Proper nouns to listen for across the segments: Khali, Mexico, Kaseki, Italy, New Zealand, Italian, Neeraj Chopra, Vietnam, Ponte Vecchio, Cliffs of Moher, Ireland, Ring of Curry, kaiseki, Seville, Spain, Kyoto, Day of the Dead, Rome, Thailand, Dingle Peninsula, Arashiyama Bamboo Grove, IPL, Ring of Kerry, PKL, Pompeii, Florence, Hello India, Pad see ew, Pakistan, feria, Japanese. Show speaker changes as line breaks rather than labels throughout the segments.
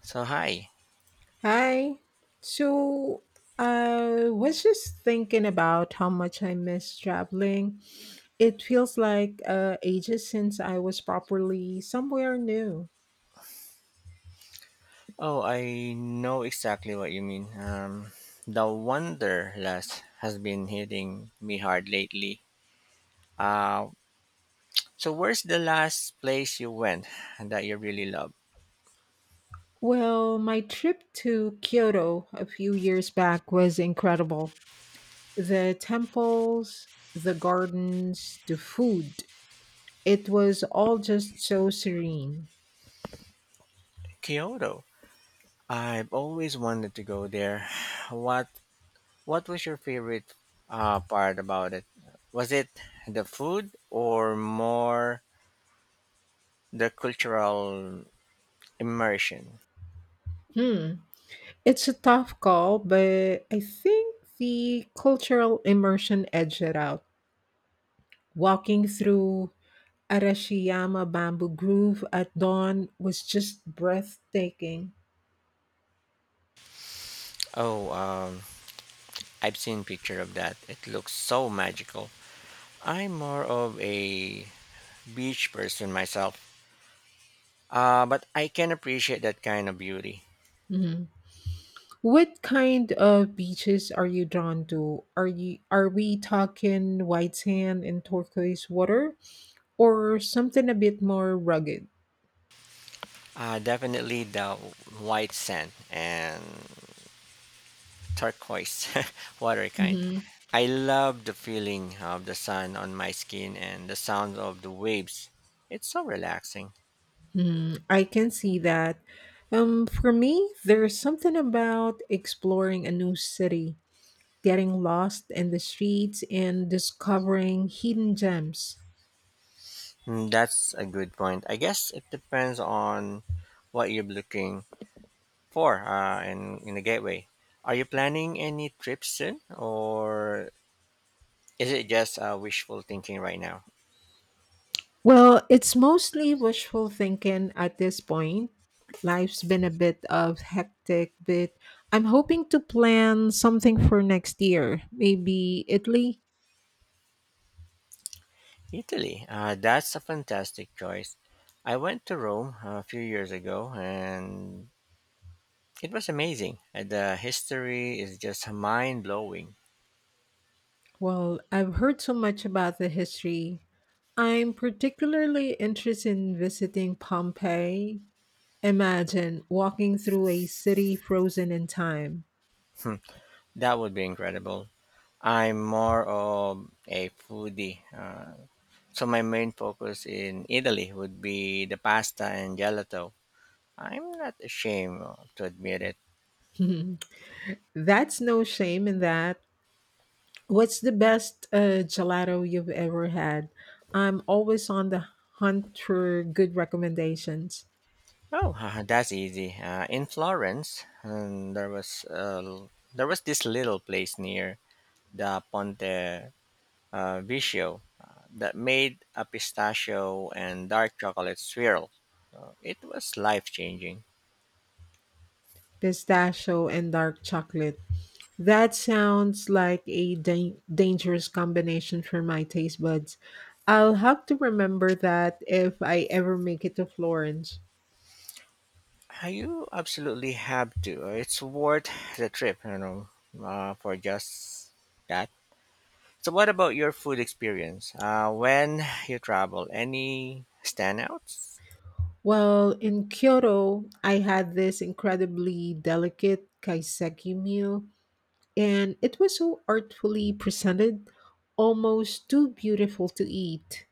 So hi.
Hi. So I was just thinking about how much I miss traveling. It feels like ages since I was properly somewhere new.
Oh, I know exactly what you mean. The Wanderlust has been hitting me hard lately. Uh, so where's the last place you went that you really loved?
Well, my trip to Kyoto a few years back was incredible. The temples, the gardens, the food, it was all just so serene.
Kyoto. I've always wanted to go there. What What was your favorite part about it? Was it the food or more the cultural immersion?
Hmm. It's a tough call, but I think the cultural immersion edged it out. Walking through Arashiyama Bamboo Grove at dawn was just breathtaking.
Oh, I've seen picture of that. It looks so magical. I'm more of a beach person myself, but I can appreciate that kind of beauty.
Mhm. What kind of beaches are you drawn to? Are we talking white sand and turquoise water, or something a bit more rugged?
Definitely the white sand and turquoise water kind.
Mhm.
I love the feeling of the sun on my skin and the sound of the waves. It's so relaxing.
Mhm. I can see that. For me, there's something about exploring a new city, getting lost in the streets, and discovering hidden gems.
That's a good point. I guess it depends on what you're looking for in the gateway. Are you planning any trips soon or is it just wishful thinking right now?
Well, it's mostly wishful thinking at this point. Life's been a bit of hectic, but I'm hoping to plan something for next year. Maybe Italy?
Italy. That's a fantastic choice. I went to Rome a few years ago and it was amazing. The history is just mind blowing.
Well, I've heard so much about the history. I'm particularly interested in visiting Pompeii. Imagine walking through a city frozen in time.
Hmm, that would be incredible. I'm more of a foodie. So my main focus in Italy would be the pasta and gelato. I'm not ashamed to admit it.
That's no shame in that. What's the best gelato you've ever had? I'm always on the hunt for good recommendations.
Oh, that's easy. In Florence, there was there was this little place near the Ponte Vecchio that made a pistachio and dark chocolate swirl. It was life changing.
Pistachio and dark chocolate. That sounds like a dangerous combination for my taste buds. I'll have to remember that if I ever make it to Florence.
You absolutely have to. It's worth the trip, for just that. So, what about your food experience? When you travel, any standouts?
Well, in Kyoto, I had this incredibly delicate kaiseki meal, and it was so artfully presented, almost too beautiful to eat.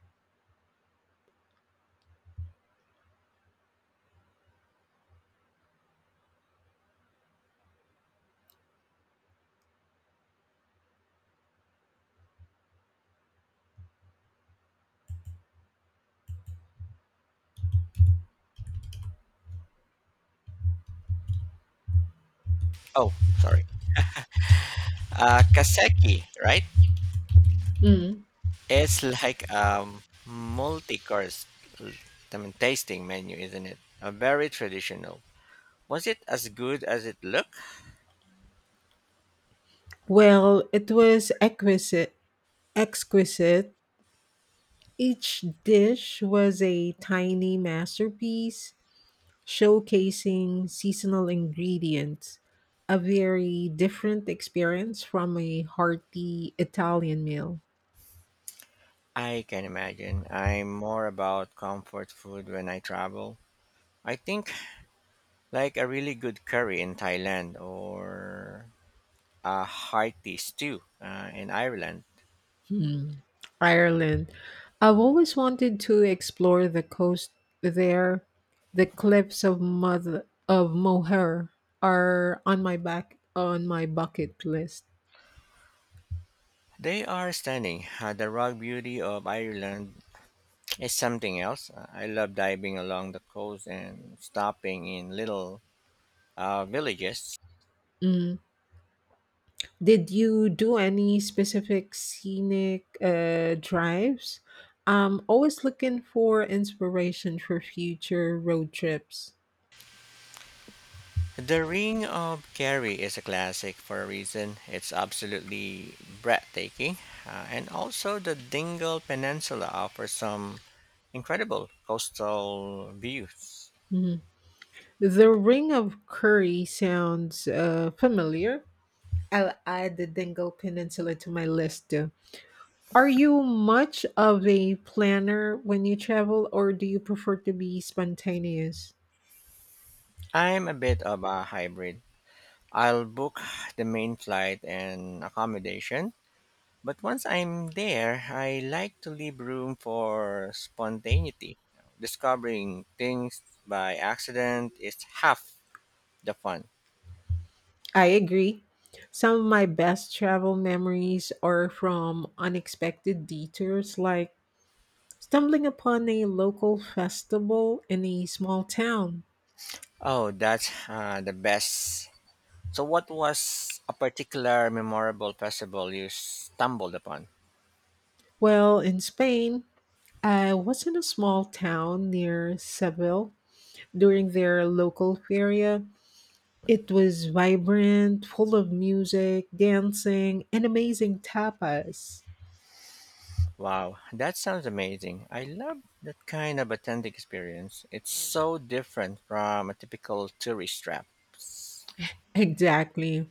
Oh, sorry. Kaseki, right?
Mm.
It's like a multi-course l- tasting menu, isn't it? A very traditional. Was it as good as it looked?
Well, it was exquisite. Each dish was a tiny masterpiece showcasing seasonal ingredients, a very different experience from a hearty Italian meal.
I can imagine. I'm more about comfort food when I travel. I think like a really good curry in Thailand or a hearty stew in Ireland.
Hmm. Ireland. I've always wanted to explore the coast there. The cliffs of Mother of Moher are on my bucket list.
They are stunning. The raw beauty of Ireland is something else. I love diving along the coast and stopping in little villages.
Mm. Did you do any specific scenic drives? I'm always looking for inspiration for future road trips.
The Ring of Kerry is a classic for a reason. It's absolutely breathtaking. And also, the Dingle Peninsula offers some incredible coastal views.
Mhm. The Ring of Curry sounds familiar. I'll add the Dingle Peninsula to my list too. Are you much of a planner when you travel, or do you prefer to be spontaneous?
I'm a bit of a hybrid. I'll book the main flight and accommodation, but once I'm there, I like to leave room for spontaneity. Discovering things by accident is half the fun.
I agree. Some of my best travel memories are from unexpected detours, like stumbling upon a local festival in a small town.
Oh, that's the best. So, what was a particular memorable festival you stumbled upon?
Well, in Spain, I was in a small town near Seville during their local feria. It was vibrant, full of music, dancing, and amazing tapas.
Wow, that sounds amazing. I love that kind of authentic experience. It's so different from a typical tourist trap.
Exactly.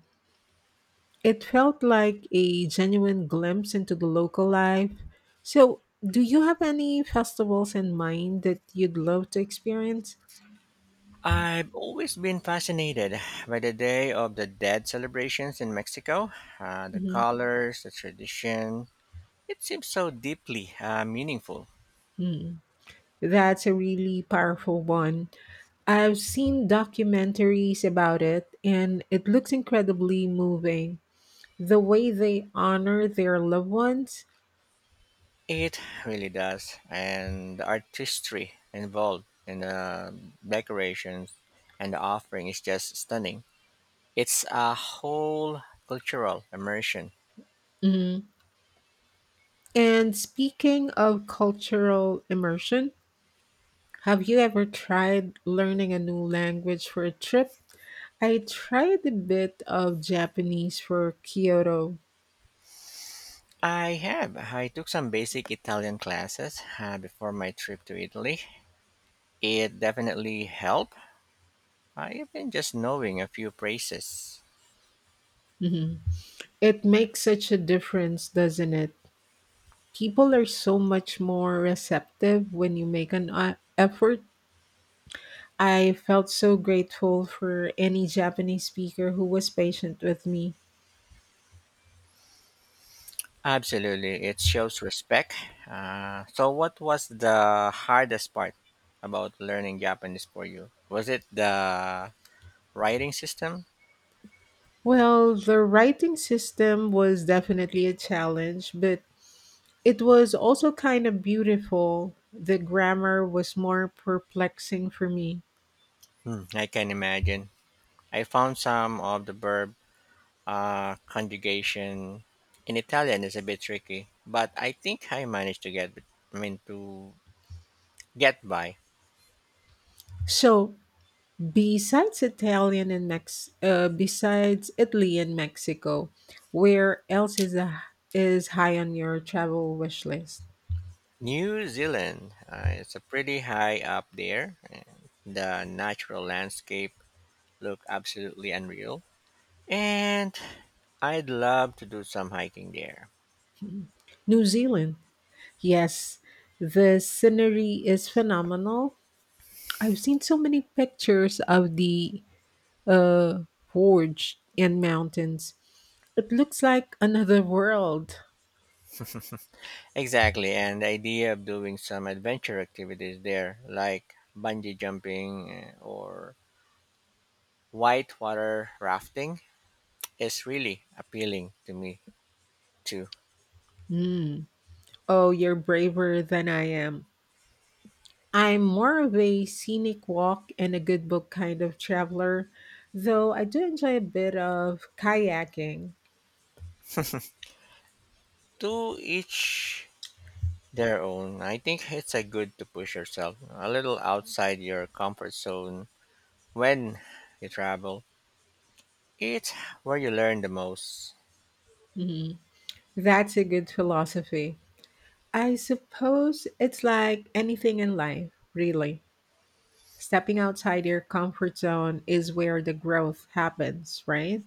It felt like a genuine glimpse into the local life. So, do you have any festivals in mind that you'd love to experience?
I've always been fascinated by the Day of the Dead celebrations in Mexico. The
Mhm.
colors, the tradition, it seems so deeply meaningful.
Hmm. That's a really powerful one. I've seen documentaries about it, and it looks incredibly moving. The way they honor their loved ones.
It really does, and the artistry involved in the decorations and the offering is just stunning. It's a whole cultural immersion.
Mhm. And speaking of cultural immersion, have you ever tried learning a new language for a trip? I tried a bit of Japanese for Kyoto.
I have. I took some basic Italian classes before my trip to Italy. It definitely helped, even just knowing a few phrases.
Mhm. It makes such a difference, doesn't it? People are so much more receptive when you make an effort. I felt so grateful for any Japanese speaker who was patient with me.
Absolutely, it shows respect. So, what was the hardest part about learning Japanese for you? Was it the writing system?
Well, the writing system was definitely a challenge, but it was also kind of beautiful. The grammar was more perplexing for me.
I can imagine. I found some of the verb conjugation in Italian is a bit tricky, but I think I managed to get. I mean to get by.
So, besides besides Italy and Mexico, where else is high on your travel wish list?
New Zealand, it's a pretty high up there, and the natural landscape look absolutely unreal, and I'd love to do some hiking there.
New Zealand. Yes, the scenery is phenomenal. I've seen so many pictures of the uh, forge and mountains. It looks like another world.
Exactly, and the idea of doing some adventure activities there, like bungee jumping or whitewater rafting, is really appealing to me too.
Mm. Oh, you're braver than I am. I'm more of a scenic walk and a good book kind of traveler, though I do enjoy a bit of kayaking.
To each their own. I think it's a good to push yourself a little outside your comfort zone when you travel. It's where you learn the most.
That's a good philosophy. I suppose it's like anything in life, really. Stepping outside your comfort zone is where the growth happens, right?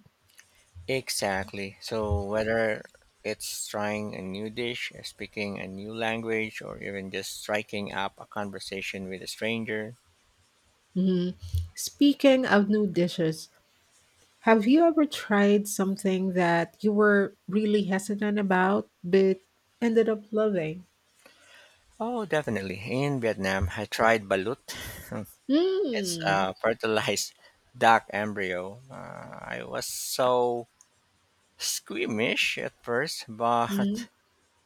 Exactly. So whether it's trying a new dish, speaking a new language, or even just striking up a conversation with a stranger.
Mhm. Speaking of new dishes, have you ever tried something that you were really hesitant about but ended up loving?
Oh, definitely. In Vietnam, I tried balut. It's
Mm.
a fertilized duck embryo. I was so squeamish at first,
Mm.
but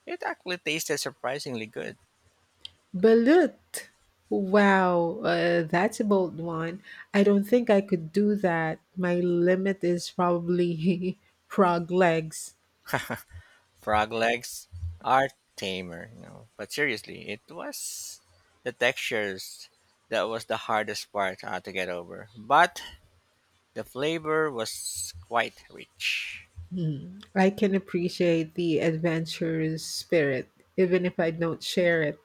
it actually tasted surprisingly good.
Balut. Wow, that's a bold one. I don't think I could do that. My limit is probably frog legs.
Frog legs are tamer, you know. But seriously, it was the textures that was the hardest part to get over. But the flavor was quite rich.
Hmm. I can appreciate the adventurous spirit, even if I don't share it.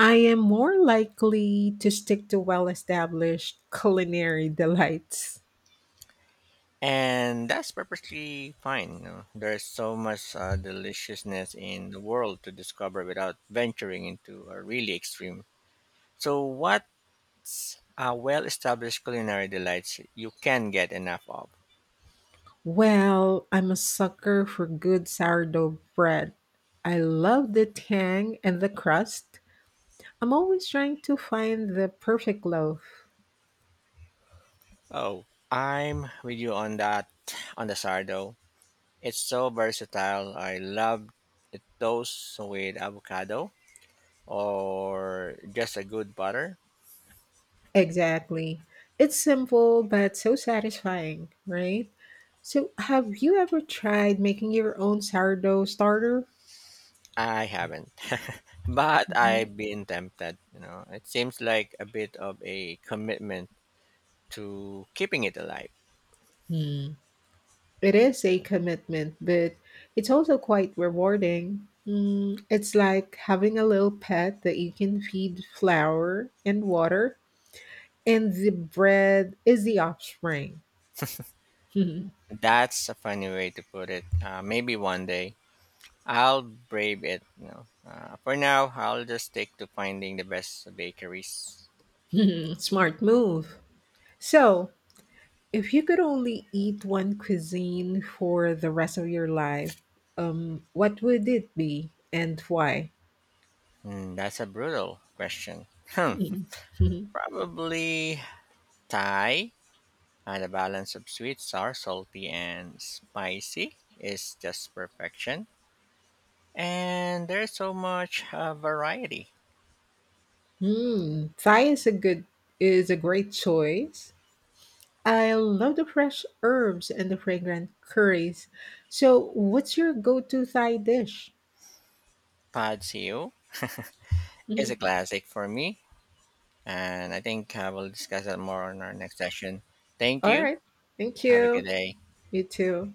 I am more likely to stick to well established culinary delights.
And that's perfectly fine. You know? There's so much deliciousness in the world to discover without venturing into a really extreme. So, what's a well established culinary delights you can get enough of?
Well, I'm a sucker for good sourdough bread. I love the tang and the crust. I'm always trying to find the perfect loaf.
Oh, I'm with you on that on the sardo. It's so versatile. I love the toast with avocado or just a good butter.
Exactly. It's simple but so satisfying, right? So, have you ever tried making your own sourdough starter?
I haven't, but
Mhm.
I've been tempted. You know, it seems like a bit of a commitment to keeping it alive.
Hmm. It is a commitment, but it's also quite rewarding. Mm, it's like having a little pet that you can feed flour and water, and the bread is the offspring.
That's a funny way to put it. Maybe one day I'll brave it. You know, for now I'll just stick to finding the best bakeries.
Smart move. So, if you could only eat one cuisine for the rest of your life, what would it be and why?
That's a brutal question. Hmm.
Hmm.
Probably Thai. The balance of sweet, sour, salty, and spicy is just perfection. And there's so much variety.
Hmm. Thai is a great choice. I love the fresh herbs and the fragrant curries. So, what's your go-to Thai dish?
Pad see ew is a
Mhm.
classic for me. And I think we'll discuss that more on our next session. Thank
All
you.
right, thank
Have a good
you.
day.
You too.